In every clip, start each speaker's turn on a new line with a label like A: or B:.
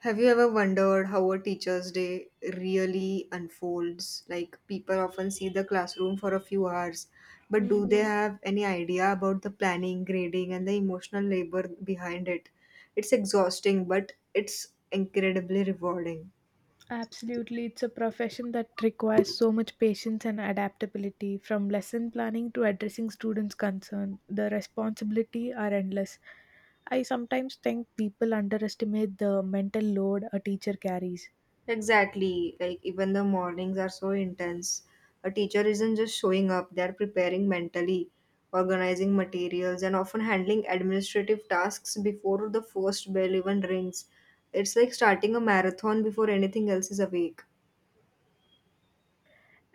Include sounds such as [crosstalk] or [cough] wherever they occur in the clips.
A: Have you ever wondered how a teacher's day really unfolds? Like, people often see the classroom for a few hours, but
B: Mm,
A: do they have any idea about the planning, grading, and the emotional labor behind it? It's exhausting, but it's incredibly rewarding.
B: Absolutely. It's a profession that requires so much patience and adaptability, from lesson planning to addressing students' concern. The responsibility are endless. I sometimes think people underestimate the mental load a teacher carries.
A: Exactly. Like even the mornings are so intense. A teacher isn't just showing up, they're preparing mentally, organizing materials, and often handling administrative tasks before the first bell even rings. It's like starting a marathon before anything else is awake.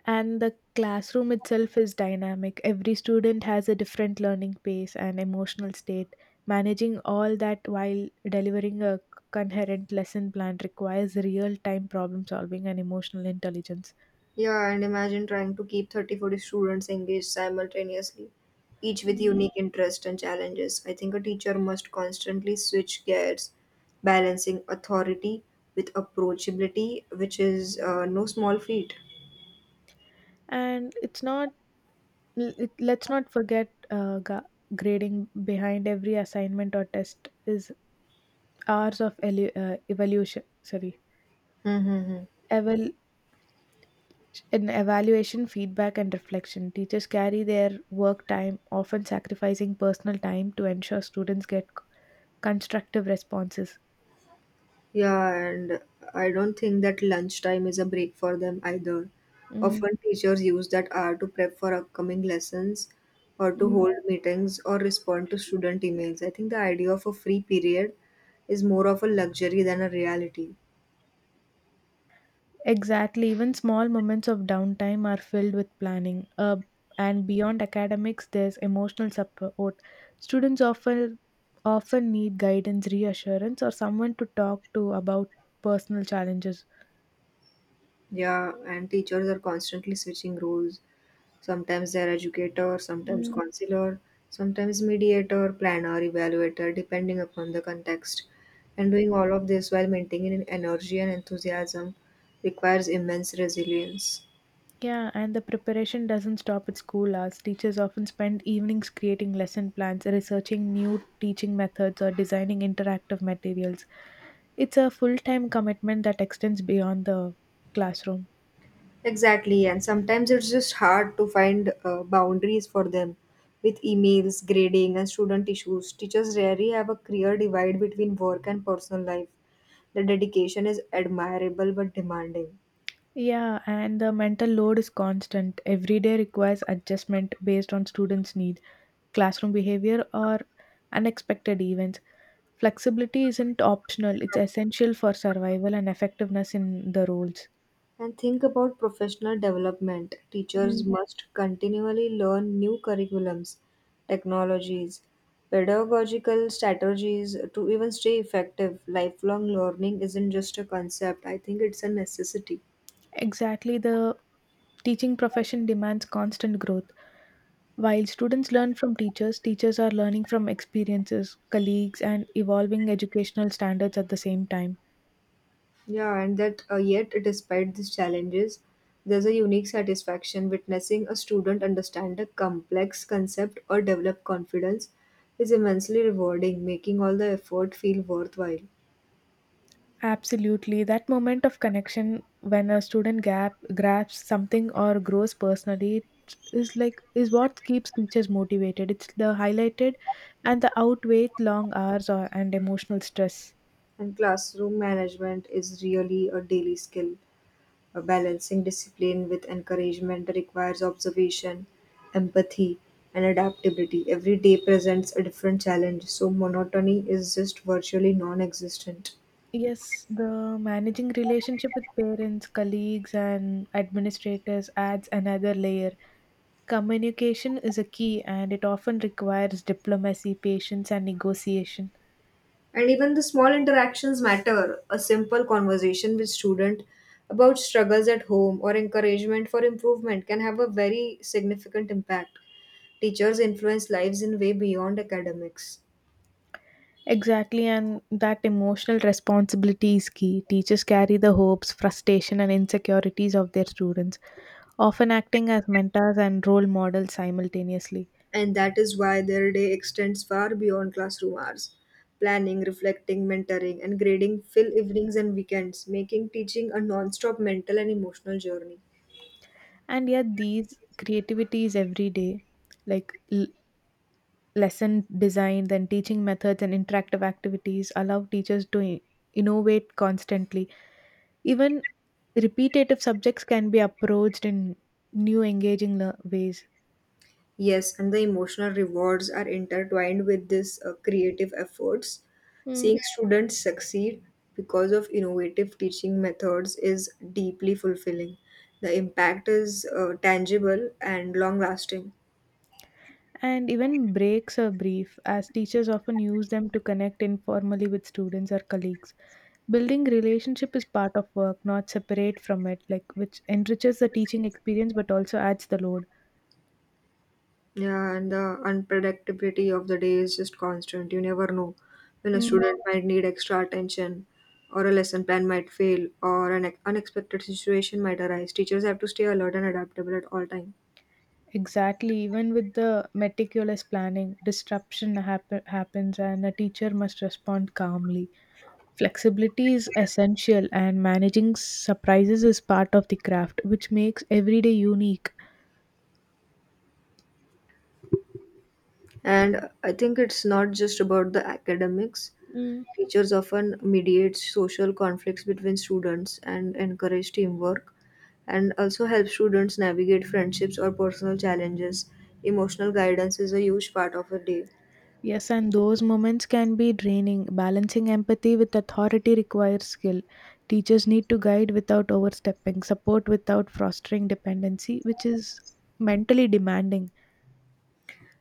B: And the classroom itself is dynamic. Every student has a different learning pace and emotional state. Managing all that while delivering a coherent lesson plan requires real time problem solving and emotional intelligence.
A: Yeah, and imagine trying to keep 30 40 students engaged simultaneously, each with unique interests and challenges. I think a teacher must constantly switch gears, balancing authority with approachability, which is no small feat.
B: And it's not let's not forget grading behind every assignment or test is hours of evaluation, sorry,
A: Mm-hmm.
B: eval evaluation feedback and reflection. Teachers carry their work time, often sacrificing personal time to ensure students get constructive responses.
A: Yeah, and I don't think that lunchtime is a break for them either.
B: Mm,
A: Often teachers use that hour to prep for upcoming lessons or to
B: mm.
A: hold meetings or respond to student emails. I think the idea of a free period is more of a luxury than a reality.
B: Exactly. Even small moments of downtime are filled with planning. And beyond academics, there's emotional support. Students often need guidance, reassurance, or someone to talk to about personal challenges.
A: Yeah, and teachers are constantly switching roles. Sometimes they're educator, sometimes
B: Mm,
A: counselor, sometimes mediator, planner, evaluator, depending upon the context. And doing all of this while maintaining energy and enthusiasm requires immense resilience.
B: yeah, and the preparation doesn't stop at school hours. Teachers often spend evenings creating lesson plans, researching new teaching methods, or designing interactive materials. It's a full time commitment that extends beyond the classroom.
A: Exactly, and sometimes it's just hard to find boundaries for them. With emails, grading, and student issues, teachers rarely have a clear divide between work and personal life. The dedication is admirable but demanding.
B: Yeah, and the mental load is constant. Every day requires adjustment based on students' needs, classroom behavior, or unexpected events. Flexibility isn't optional, it's essential for survival and effectiveness in the roles.
A: And think about professional development. Teachers
B: Mm.
A: must continually learn new curriculums, technologies, pedagogical strategies to even stay effective. Lifelong learning isn't just a concept, I think it's a necessity.
B: Exactly, the teaching profession demands constant growth. While students learn from teachers, teachers are learning from experiences, colleagues, and evolving educational standards at the same time.
A: Yeah, and that yet, despite these challenges, there's a unique satisfaction witnessing a student understand a complex concept or develop confidence is immensely rewarding, making all the effort feel worthwhile.
B: Absolutely. That moment of connection when a student gap grabs something or grows personally is what keeps teachers motivated. It's the highlighted and the outweigh long hours and emotional stress.
A: And classroom management is really a daily skill. Balancing discipline with encouragement requires observation, empathy, and adaptability. Every day presents a different challenge, so monotony is just virtually non existent.
B: Yes, the managing relationship with parents, colleagues and administrators adds another layer. Communication is a key and it often requires diplomacy, patience and negotiation.
A: And even the small interactions matter. A simple conversation with student about struggles at home or encouragement for improvement can have a very significant impact. Teachers influence lives in way beyond academics.
B: Exactly, and that emotional responsibility is key. Teachers carry the hopes, frustration, and insecurities of their students, often acting as mentors and role models simultaneously.
A: And that is why their day extends far beyond classroom hours. Planning, reflecting, mentoring, and grading fill evenings and weekends, making teaching a non stop mental and emotional journey.
B: And yet, these creativities every day, like lesson design, then teaching methods and interactive activities allow teachers to innovate constantly. Even repetitive subjects can be approached in new, engaging ways.
A: Yes, and the emotional rewards are intertwined with this creative efforts. Seeing students succeed because of innovative teaching methods is deeply fulfilling. The impact is tangible and long lasting.
B: And even breaks are brief, as teachers often use them to connect informally with students or colleagues. Building relationship is part of work, not separate from it, like, which enriches the teaching experience but also adds the load.
A: Yeah, and the unpredictability of the day is just constant. You never know when a
B: Hmm.
A: student might need extra attention, or a lesson plan might fail, or an unexpected situation might arise. Teachers have to stay alert and adaptable at all times.
B: Exactly. Even with the meticulous planning, happens, and a teacher must respond calmly. Flexibility is essential, and managing surprises is part of the craft, which makes every day unique.
A: And I think it's not just about the academics.
B: Mm.
A: Teachers often mediate social conflicts between students and encourage teamwork, and also help students navigate friendships or personal challenges. Emotional guidance is a huge part of a day.
B: Yes, and those moments can be draining. Balancing empathy with authority requires skill. Teachers need to guide without overstepping, support without fostering dependency, which is mentally demanding.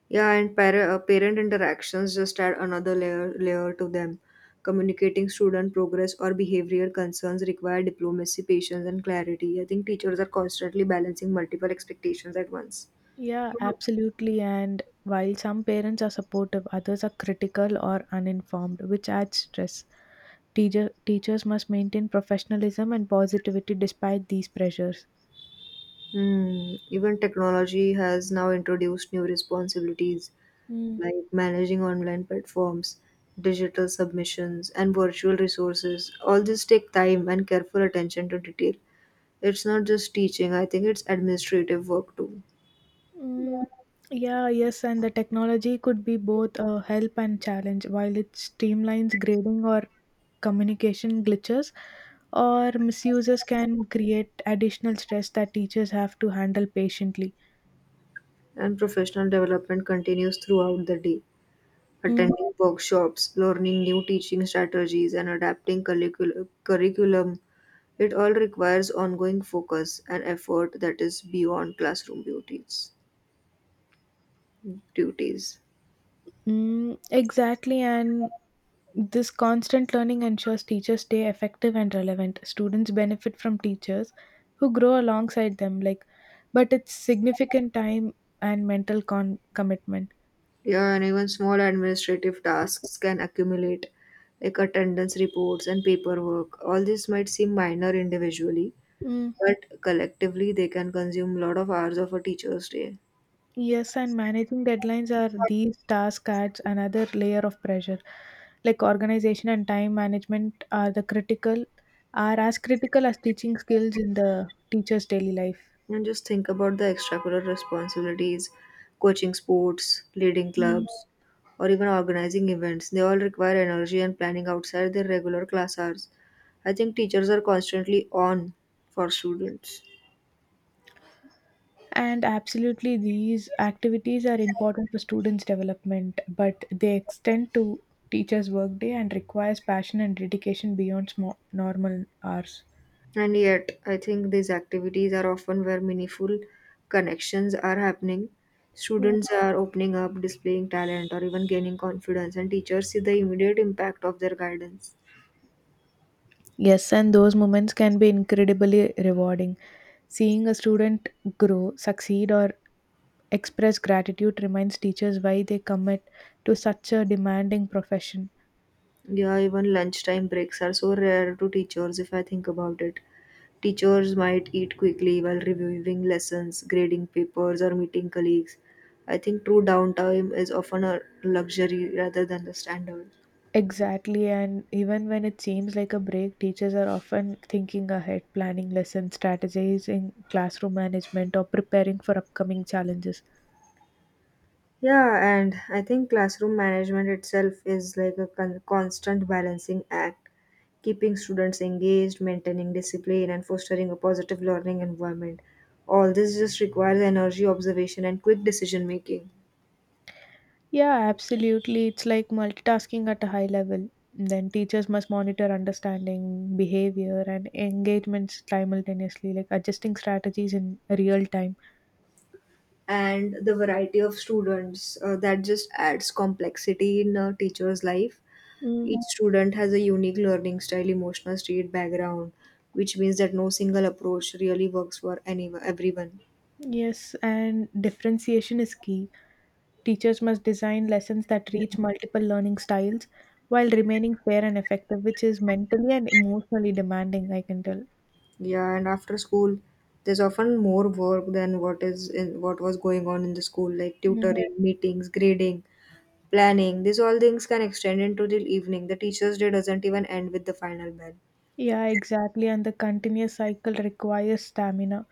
A: Yeah, and parent interactions just add another layer to them. Communicating student progress or behavioral concerns require diplomacy, patience, and clarity. I think teachers are constantly balancing multiple expectations at once.
B: Yeah, absolutely. And while some parents are supportive, others are critical or uninformed, which adds stress. Teachers must maintain professionalism and positivity despite these pressures.
A: Hmm. Even technology has now introduced new responsibilities
B: Hmm.
A: like managing online platforms, digital submissions, and virtual resources. All this take time and careful attention to detail. It's not just teaching, I think it's administrative work too.
B: Mm, yeah, yes, and the technology could be both a help and challenge. While it streamlines grading or communication glitches or misuses can create additional stress that teachers have to handle patiently.
A: And professional development continues throughout the day.
B: Mm,
A: Attending workshops, learning new teaching strategies, and adapting curriculum, it all requires ongoing focus and effort that is beyond classroom duties. Duties.
B: exactly, and this constant learning ensures teachers stay effective and relevant. Students benefit from teachers who grow alongside them, like, but it's significant time and mental commitment.
A: Yeah, and even small administrative tasks can accumulate, like attendance reports and paperwork. All this might seem minor individually,
B: Mm,
A: but collectively they can consume a lot of hours of a teacher's day.
B: Yes, and managing deadlines are these task adds another layer of pressure. Like organization and time management are the critical are as critical as teaching skills in the teacher's daily life.
A: And just think about the extracurricular responsibilities, coaching sports, leading
B: Mm.
A: clubs, or even organizing events. They all require energy and planning outside their regular class hours. I think teachers are constantly on for students.
B: And absolutely these activities are important for students' development, but they extend to teachers' workday and requires passion and dedication beyond small, normal hours.
A: And yet, I think these activities are often where meaningful connections are happening. Students are opening up, displaying talent, or even gaining confidence, and teachers see the immediate impact of their guidance.
B: Yes, and those moments can be incredibly rewarding. Seeing a student grow, succeed, or express gratitude reminds teachers why they commit to such a demanding profession.
A: Yeah, even lunchtime breaks are so rare to teachers if I think about it. Teachers might eat quickly while reviewing lessons, grading papers, or meeting colleagues. I think true downtime is often a luxury rather than the standard.
B: Exactly, and even when it seems like a break, teachers are often thinking ahead, planning lessons, strategizing classroom management, or preparing for upcoming challenges.
A: Yeah, and I think classroom management itself is like a constant balancing act, keeping students engaged, maintaining discipline, and fostering a positive learning environment. All this just requires energy, observation, and quick decision making.
B: Yeah, absolutely. It's like multitasking at a high level. Then teachers must monitor understanding, behavior, and engagements simultaneously, like adjusting strategies in real time.
A: And the variety of students that just adds complexity in a teacher's life.
B: Mm,
A: Each student has a unique learning style, emotional state, background, which means that no single approach really works for any everyone.
B: yes, and differentiation is key. Teachers must design lessons that reach multiple learning styles while remaining fair and effective, which is mentally and emotionally demanding, I can tell.
A: Yeah, and after school there's often more work than what is in what was going on in the school, like
B: Mm.
A: tutoring, meetings, grading, planning. These all things can extend into the evening. The teachers day doesn't even end with the final bell.
B: Yeah, exactly. And the continuous cycle requires stamina.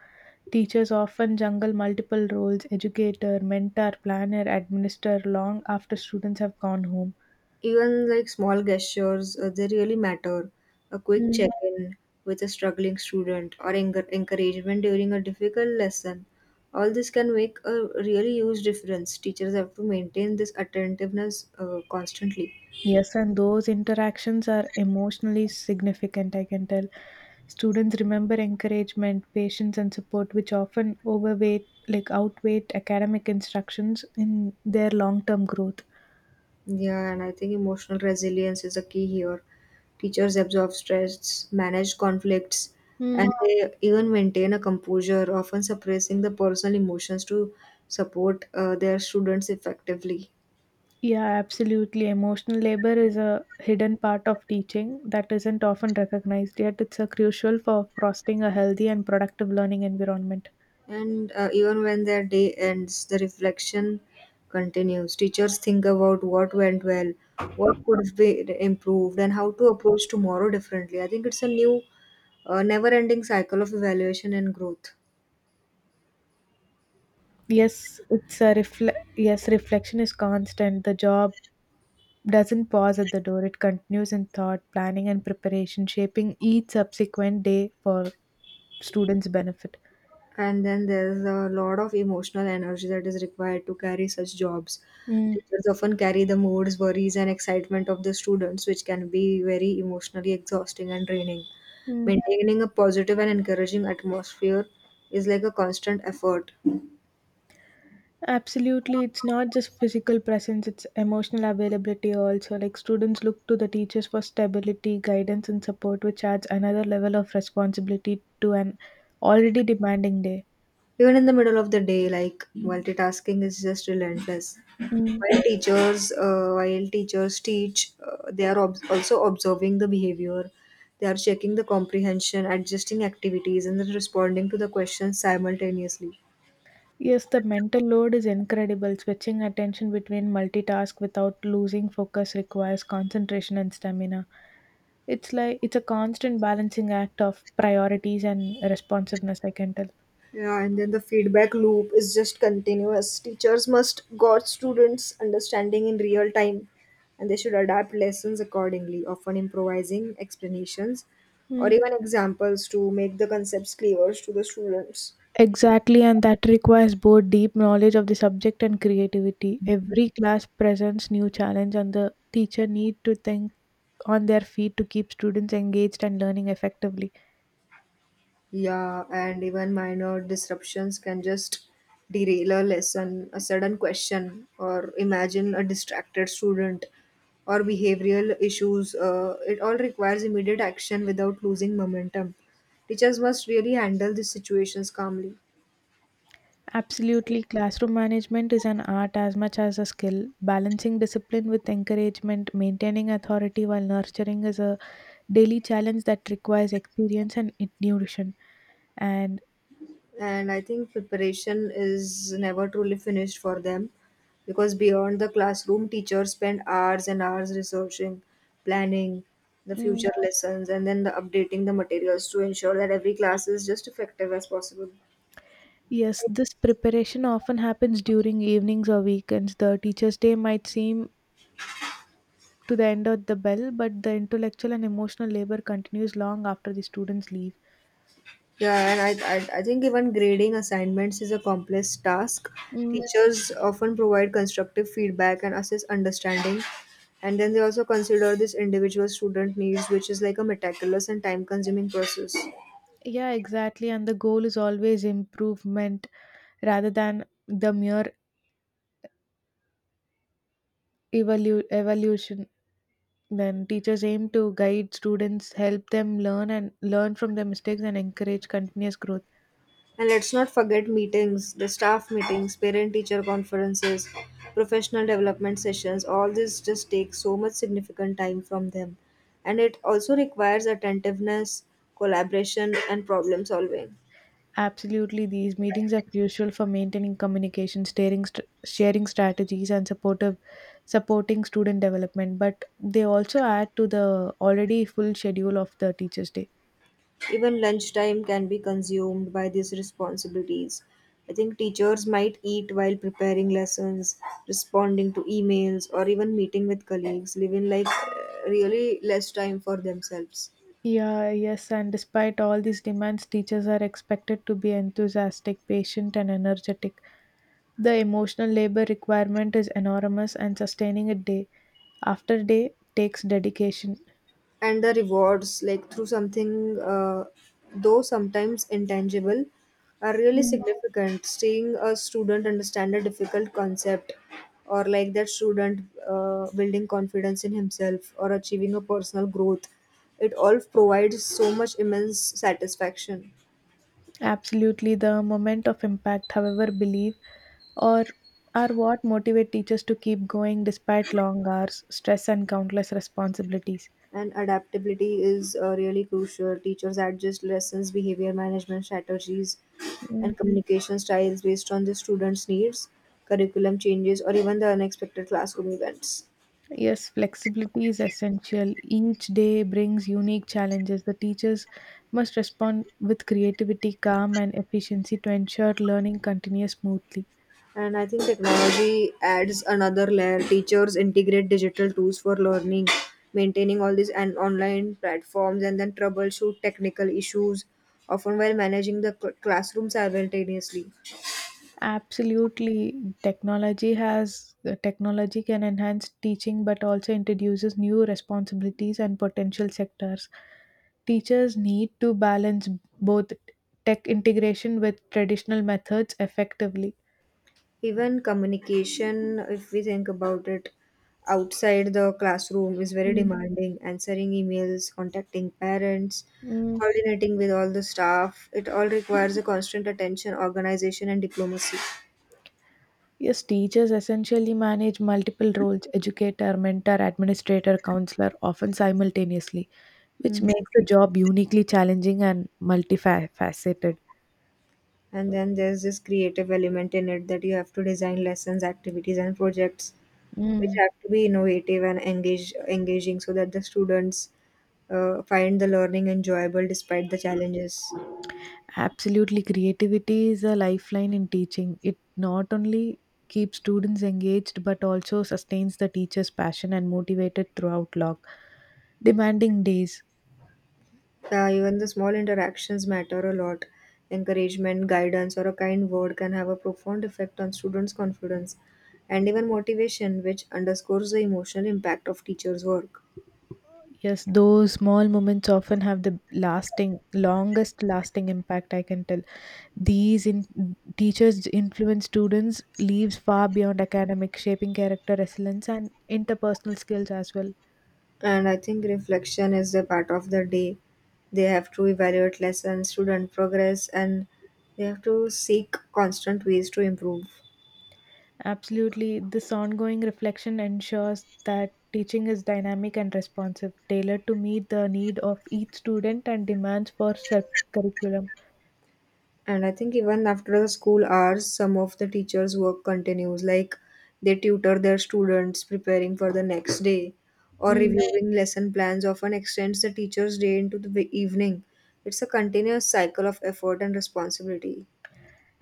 B: Teachers often juggle multiple roles educator, mentor, planner, administrator long after students have gone home.
A: Even like small gestures, they really matter. A quick
B: Mm.
A: Yeah. check-in with a struggling student or encouragement during a difficult lesson. All this can make a really huge difference. Teachers have to maintain this attentiveness constantly.
B: Yes, and those interactions are emotionally significant, I can tell. Students remember encouragement, patience, and support, which often overweight, like outweigh academic instructions in their long term growth.
A: Yeah, and I think emotional resilience is a key here. Teachers absorb stress, manage conflicts, and
B: Hmm.
A: they even maintain a composure, often suppressing the personal emotions to support their students effectively.
B: Yeah, absolutely. Emotional labor is a hidden part of teaching that isn't often recognized, yet it's a crucial for fostering a healthy and productive learning environment.
A: And even when their day ends, the reflection continues. Teachers think about what went well, what could have been improved, and how to approach tomorrow differently. I think it's a never ending cycle of evaluation and growth.
B: Yes, it's a yes, reflection is constant. The job doesn't pause at the door. It continues in thought, planning and preparation, shaping each subsequent day for students' benefit.
A: And then there's a lot of emotional energy that is required to carry such jobs.
B: Mm.
A: Teachers often carry the moods, worries, and excitement of the students, which can be very emotionally exhausting and draining.
B: Mm.
A: Maintaining a positive and encouraging atmosphere is like a constant effort.
B: Absolutely, it's not just physical presence, it's emotional availability also. Like students look to the teachers for stability, guidance, and support, which adds another level of responsibility to an already demanding day.
A: Even in the middle of the day, like multitasking is just relentless.
B: Mm.
A: While teachers, teach, they are also observing the behavior. They are checking the comprehension, adjusting activities, and then responding to the questions simultaneously.
B: Yes, the mental load is incredible. Switching attention between multitask without losing focus requires concentration and stamina. It's a constant balancing act of priorities and responsiveness, I can tell.
A: Yeah, and then the feedback loop is just continuous. Teachers must guard students' understanding in real time, and they should adapt lessons accordingly, often improvising explanations or even examples to make the concepts clearer to the students.
B: Exactly, and that requires both deep knowledge of the subject and creativity. Every class presents new challenge and the teacher need to think on their feet to keep students engaged and learning effectively.
A: Yeah, and even minor disruptions can just derail a lesson, a sudden question, or imagine a distracted student or behavioral issues. It all requires immediate action without losing momentum. Teachers must really handle these situations calmly.
B: Absolutely, classroom management is an art as much as a skill. Balancing discipline with encouragement, maintaining authority while nurturing is a daily challenge that requires experience and intuition. And
A: And I think preparation is never truly finished for them, because beyond the classroom, teachers spend hours and hours researching, planning the
B: mm,
A: future lessons, and then the updating the materials to ensure that every class is just effective as possible.
B: yes, this preparation often happens during evenings or weekends. The teacher's day might seem to the end of the bell, but the intellectual and emotional labor continues long after the students leave.
A: Yeah, and I think even grading assignments is a complex task.
B: Mm,
A: Teachers often provide constructive feedback and assess understanding, and then they also consider this individual student needs, which is like a meticulous and time consuming process.
B: yeah, exactly. And the goal is always improvement rather than the mere evolution. Then teachers aim to guide students, help them learn and learn from their mistakes, and encourage continuous growth.
A: And let's not forget meetings, the staff meetings, parent teacher conferences, professional development sessions. All this just takes so much significant time from them. And it also requires attentiveness, collaboration, and problem solving.
B: Absolutely, these meetings are crucial for maintaining communication, sharing strategies, and supporting student development. But they also add to the already full schedule of the Teachers' Day.
A: Even lunchtime can be consumed by these responsibilities. I think teachers might eat while preparing lessons, responding to emails, or even meeting with colleagues, leaving like really less time for themselves.
B: Yeah, yes, and despite all these demands, teachers are expected to be enthusiastic, patient, and energetic. The emotional labor requirement is enormous, and sustaining it day after day takes dedication.
A: And the rewards like through something though sometimes intangible are really
B: Mm.
A: significant. Seeing a student understand a difficult concept or like that student building confidence in himself or achieving a personal growth, it all provides so much immense satisfaction.
B: Absolutely, the moment of impact, however, believe or are what motivate teachers to keep going despite long hours, stress, and countless responsibilities.
A: And adaptability is really crucial. Teachers adjust lessons, behavior management strategies,
B: Mm,
A: and communication styles based on the students' needs, curriculum changes, or even the unexpected classroom events.
B: Yes, flexibility is essential. Each day brings unique challenges. The teachers must respond with creativity, calm, and efficiency to ensure learning continues smoothly.
A: And I think technology adds another layer. Teachers integrate digital tools for learning, maintaining all these and online platforms, and then troubleshoot technical issues, often while managing the classroom simultaneously.
B: Absolutely, technology can enhance teaching but also introduces new responsibilities and potential sectors. Teachers need to balance both tech integration with traditional methods effectively.
A: Even communication, if we think about it, outside the classroom is very
B: Mm.
A: demanding. Answering emails, contacting parents,
B: Mm.
A: coordinating with all the staff, it all requires a constant attention, organization, and diplomacy.
B: Yes, teachers essentially manage multiple roles educator, mentor, administrator, counselor, often simultaneously, which
A: Hmm.
B: makes the job uniquely challenging and multifaceted.
A: And then there's this creative element in it that you have to design lessons, activities, and projects which
B: Mm.
A: have to be innovative and engaging so that the students find the learning enjoyable despite the challenges.
B: Absolutely, creativity is a lifeline in teaching. It not only keeps students engaged but also sustains the teacher's passion and motivated throughout long, demanding days.
A: Yeah, even the small interactions matter a lot. Encouragement, guidance, or a kind word can have a profound effect on students' confidence and even motivation, which underscores the emotional impact of teachers' work.
B: Yes, those small moments often have the lasting, longest lasting impact. I can tell these in teachers influence students leaves far beyond academic, shaping character, resilience, and interpersonal skills as well.
A: And I think reflection is a part of the day. They have to evaluate lessons, student progress, and they have to seek constant ways to improve.
B: Absolutely. This ongoing reflection ensures that teaching is dynamic and responsive, tailored to meet the need of each student and demands for curriculum.
A: And I think even after the school hours, some of the teachers' work continues, like they tutor their students preparing for the next day or
B: Mm,
A: reviewing lesson plans often extends the teacher's day into the evening. It's a continuous cycle of effort and responsibility.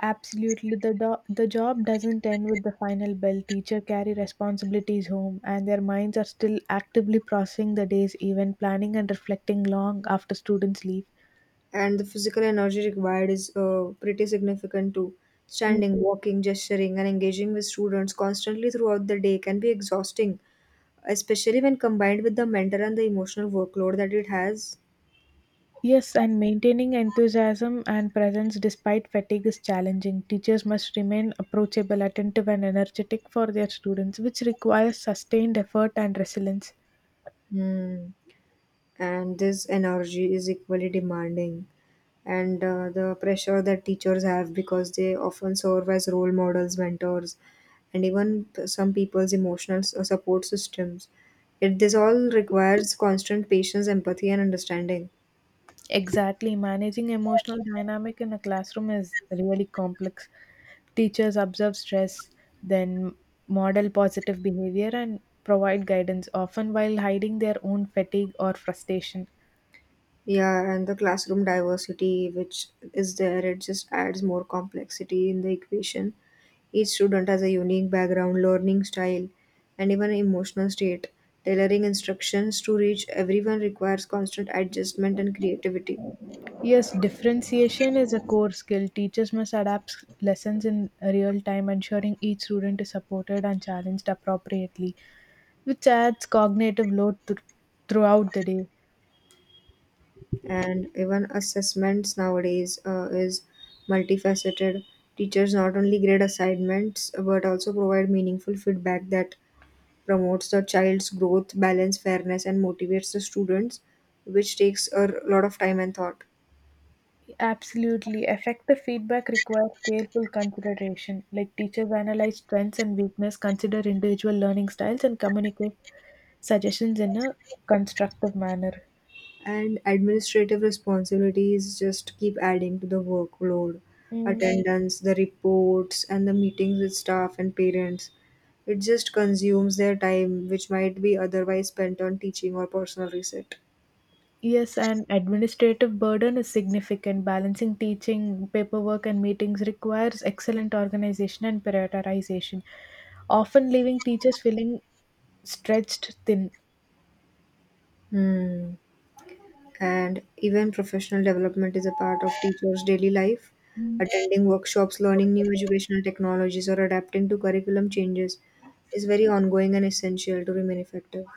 B: Absolutely. The job doesn't end with the final bell. Teacher carry responsibilities home and their minds are still actively processing the day's event, planning and reflecting long after students leave.
A: And the physical energy required is pretty significant too. Standing, walking, gesturing, and engaging with students constantly throughout the day can be exhausting, especially when combined with the mental and the emotional workload that it has.
B: Yes, and maintaining enthusiasm and presence despite fatigue is challenging. Teachers must remain approachable, attentive, and energetic for their students, which requires sustained effort and resilience.
A: Hmm. And this energy is equally demanding, and the pressure that teachers have because they often serve as role models, mentors, and even some people's emotional support systems, it this all requires constant patience, empathy, and understanding.
B: Exactly, managing emotional dynamic in a classroom is really complex. Teachers observe stress, then model positive behavior and provide guidance, often while hiding their own fatigue or frustration.
A: Yeah, and the classroom diversity which is there, it just adds more complexity in the equation. Each student has a unique background, learning style, and even emotional state. Tailoring instructions to reach everyone requires constant adjustment and creativity.
B: Yes, differentiation is a core skill. Teachers must adapt lessons in real time, ensuring each student is supported and challenged appropriately, which adds cognitive load throughout the day.
A: And even assessments nowadays is multifaceted. Teachers not only grade assignments but also provide meaningful feedback that promotes the child's growth, balance, fairness, and motivates the students, which takes a lot of time and thought.
B: Absolutely. Effective feedback requires careful consideration, like teachers analyze strengths and weakness, consider individual learning styles, and communicate suggestions in a constructive manner.
A: And administrative responsibilities just keep adding to the workload:
B: Mm.
A: attendance, the reports, and the meetings with staff and parents. It just consumes their time, which might be otherwise spent on teaching or personal reset.
B: Yes, and administrative burden is significant. Balancing teaching, paperwork, and meetings requires excellent organization and prioritization, often leaving teachers feeling stretched thin.
A: Hmm. And even professional development is a part of teachers daily life. Attending workshops, learning new educational technologies, or adapting to curriculum changes is very ongoing and essential to remain effective.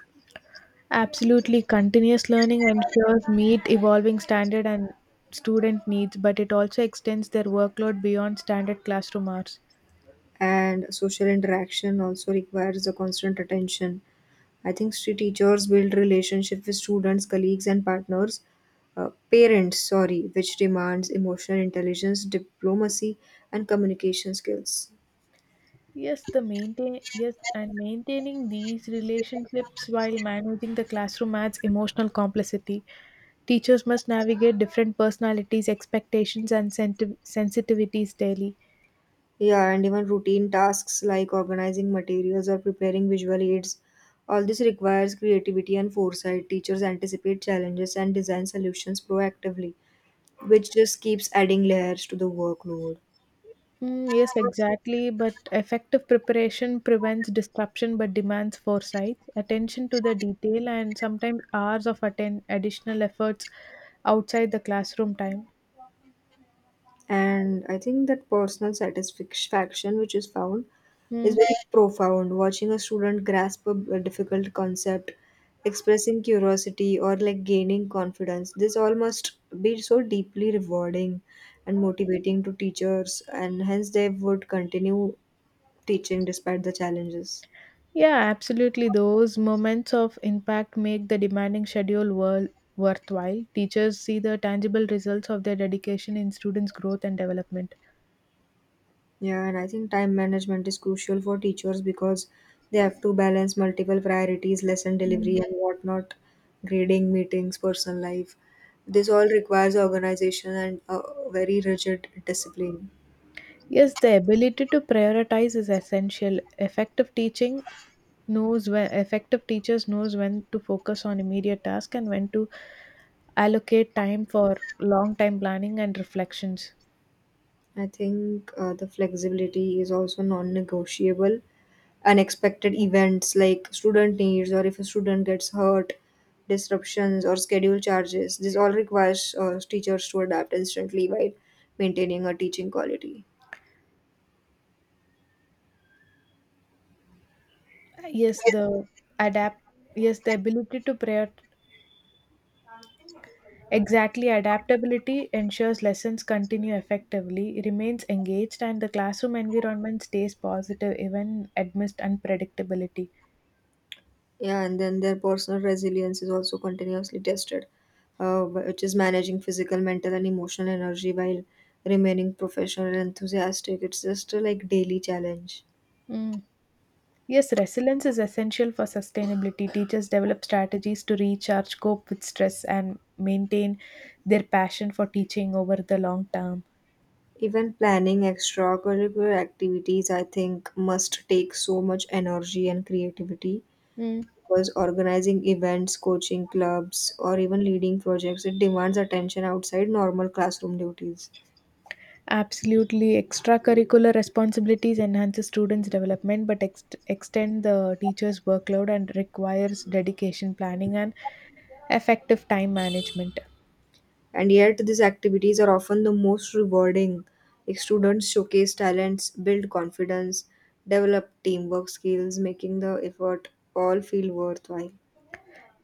B: Absolutely, continuous learning ensures meet evolving standard and student needs, but it also extends their workload beyond standard classroom hours.
A: And social interaction also requires a constant attention. I think street teachers build relationship with students, colleagues, and partners, parents, sorry, which demands emotional intelligence, diplomacy, and communication skills.
B: Yes, the maintain yes, and maintaining these relationships while managing the classroom adds emotional complexity. Teachers must navigate different personalities, expectations, and sensitivities daily.
A: Yeah, and even routine tasks like organizing materials or preparing visual aids. All this requires creativity and foresight. Teachers anticipate challenges and design solutions proactively, which just keeps adding layers to the workload.
B: Yes, exactly. But effective preparation prevents disruption but demands foresight, attention to the detail, and sometimes hours of additional efforts outside the classroom time.
A: And I think that personal satisfaction, which is found, is
B: Mm.
A: very profound. Watching a student grasp a difficult concept, expressing curiosity, or like gaining confidence, this all must be so deeply rewarding and motivating to teachers, and hence they would continue teaching despite the challenges.
B: Yeah, absolutely. Those moments of impact make the demanding schedule worthwhile. Teachers see the tangible results of their dedication in students' growth and development.
A: Yeah, and I think time management is crucial for teachers because they have to balance multiple priorities, lesson delivery,
B: Mm.
A: and whatnot, grading, meetings, personal life. This all requires organization and a very rigid discipline.
B: Yes, the ability to prioritize is essential. Effective teachers knows when to focus on immediate tasks and when to allocate time for long time planning and reflections.
A: I think the flexibility is also non negotiable. Unexpected events like student needs, or if a student gets hurt, disruptions, or schedule charges, this all requires teachers to adapt instantly while maintaining a teaching quality.
B: Yes, the adapt yes, the ability to prior exactly, adaptability ensures lessons continue effectively, remains engaged and the classroom environment stays positive even amidst unpredictability.
A: Yeah, and then their personal resilience is also continuously tested, which is managing physical, mental, and emotional energy while remaining professional and enthusiastic. It's just a like daily challenge.
B: Mm. Yes, resilience is essential for sustainability. Teachers develop strategies to recharge, cope with stress, and maintain their passion for teaching over the long term.
A: Even planning extracurricular activities, I think, must take so much energy and creativity
B: Mm.
A: because organizing events, coaching clubs, or even leading projects, it demands attention outside normal classroom duties.
B: Absolutely, extracurricular responsibilities enhances students' development, but extend the teacher's workload and requires dedication, planning, and effective time management.
A: And yet these activities are often the most rewarding. Like students showcase talents, build confidence, develop teamwork skills, making the effort all feel worthwhile.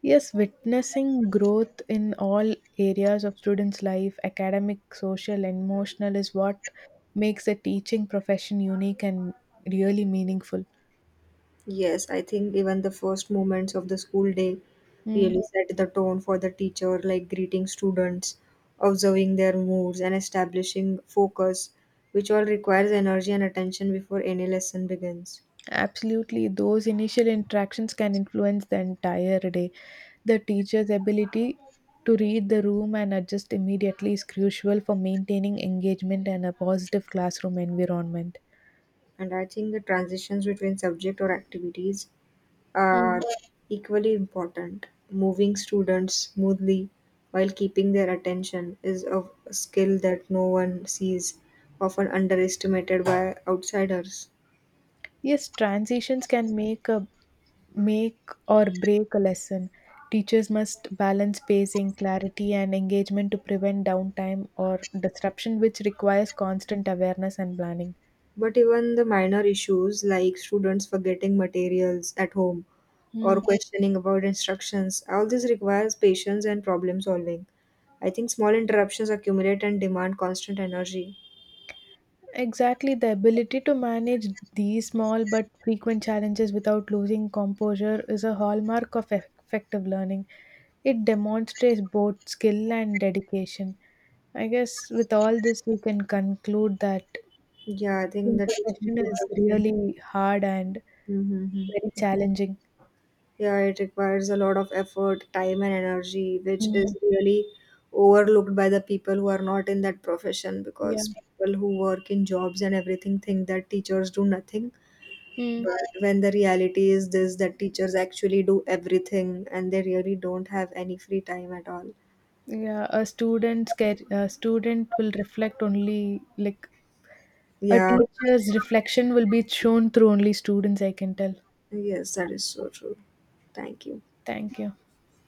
B: Yes, witnessing growth in all areas of students' life, academic, social, and emotional, is what makes the teaching profession unique and really meaningful.
A: Yes, I think even the first moments of the school day
B: Mm,
A: really set the tone for the teacher, like greeting students, observing their moods, and establishing focus, which all requires energy and attention before any lesson begins.
B: absolutely, those initial interactions can influence the entire day. The teacher's ability to read the room and adjust immediately is crucial for maintaining engagement and a positive classroom environment.
A: And I think the transitions between subject or activities are
B: Mm.
A: equally important. Moving students smoothly while keeping their attention is a skill that no one sees, often underestimated by outsiders.
B: Yes, transitions can make or break a lesson. Teachers must balance pacing, clarity, and engagement to prevent downtime or disruption, which requires constant awareness and planning.
A: But even the minor issues like students forgetting materials at home or
B: Hmm.
A: questioning about instructions, all this requires patience and problem solving. I think small interruptions accumulate and demand constant energy.
B: Exactly, the ability to manage these small but frequent challenges without losing composure is a hallmark of effective learning. It demonstrates both skill and dedication. I guess with all this, we can conclude that
A: Yeah, I think
B: being
A: the teaching.
B: professional is
A: [laughs]
B: really hard and
A: Mm-hmm.
B: very challenging.
A: Yeah, it requires a lot of effort, time, and energy, which
B: Mm,
A: is really overlooked by the people who are not in that profession
B: yeah.
A: because people who work in jobs and everything think that teachers do nothing.
B: Mm.
A: But when the reality is this, that teachers actually do everything and they really don't have any free time at all.
B: Yeah, a a student will reflect only like a
A: Yeah,
B: teacher's reflection will be shown through only students, I can tell.
A: yes, that is so true. Thank you.
B: Thank you.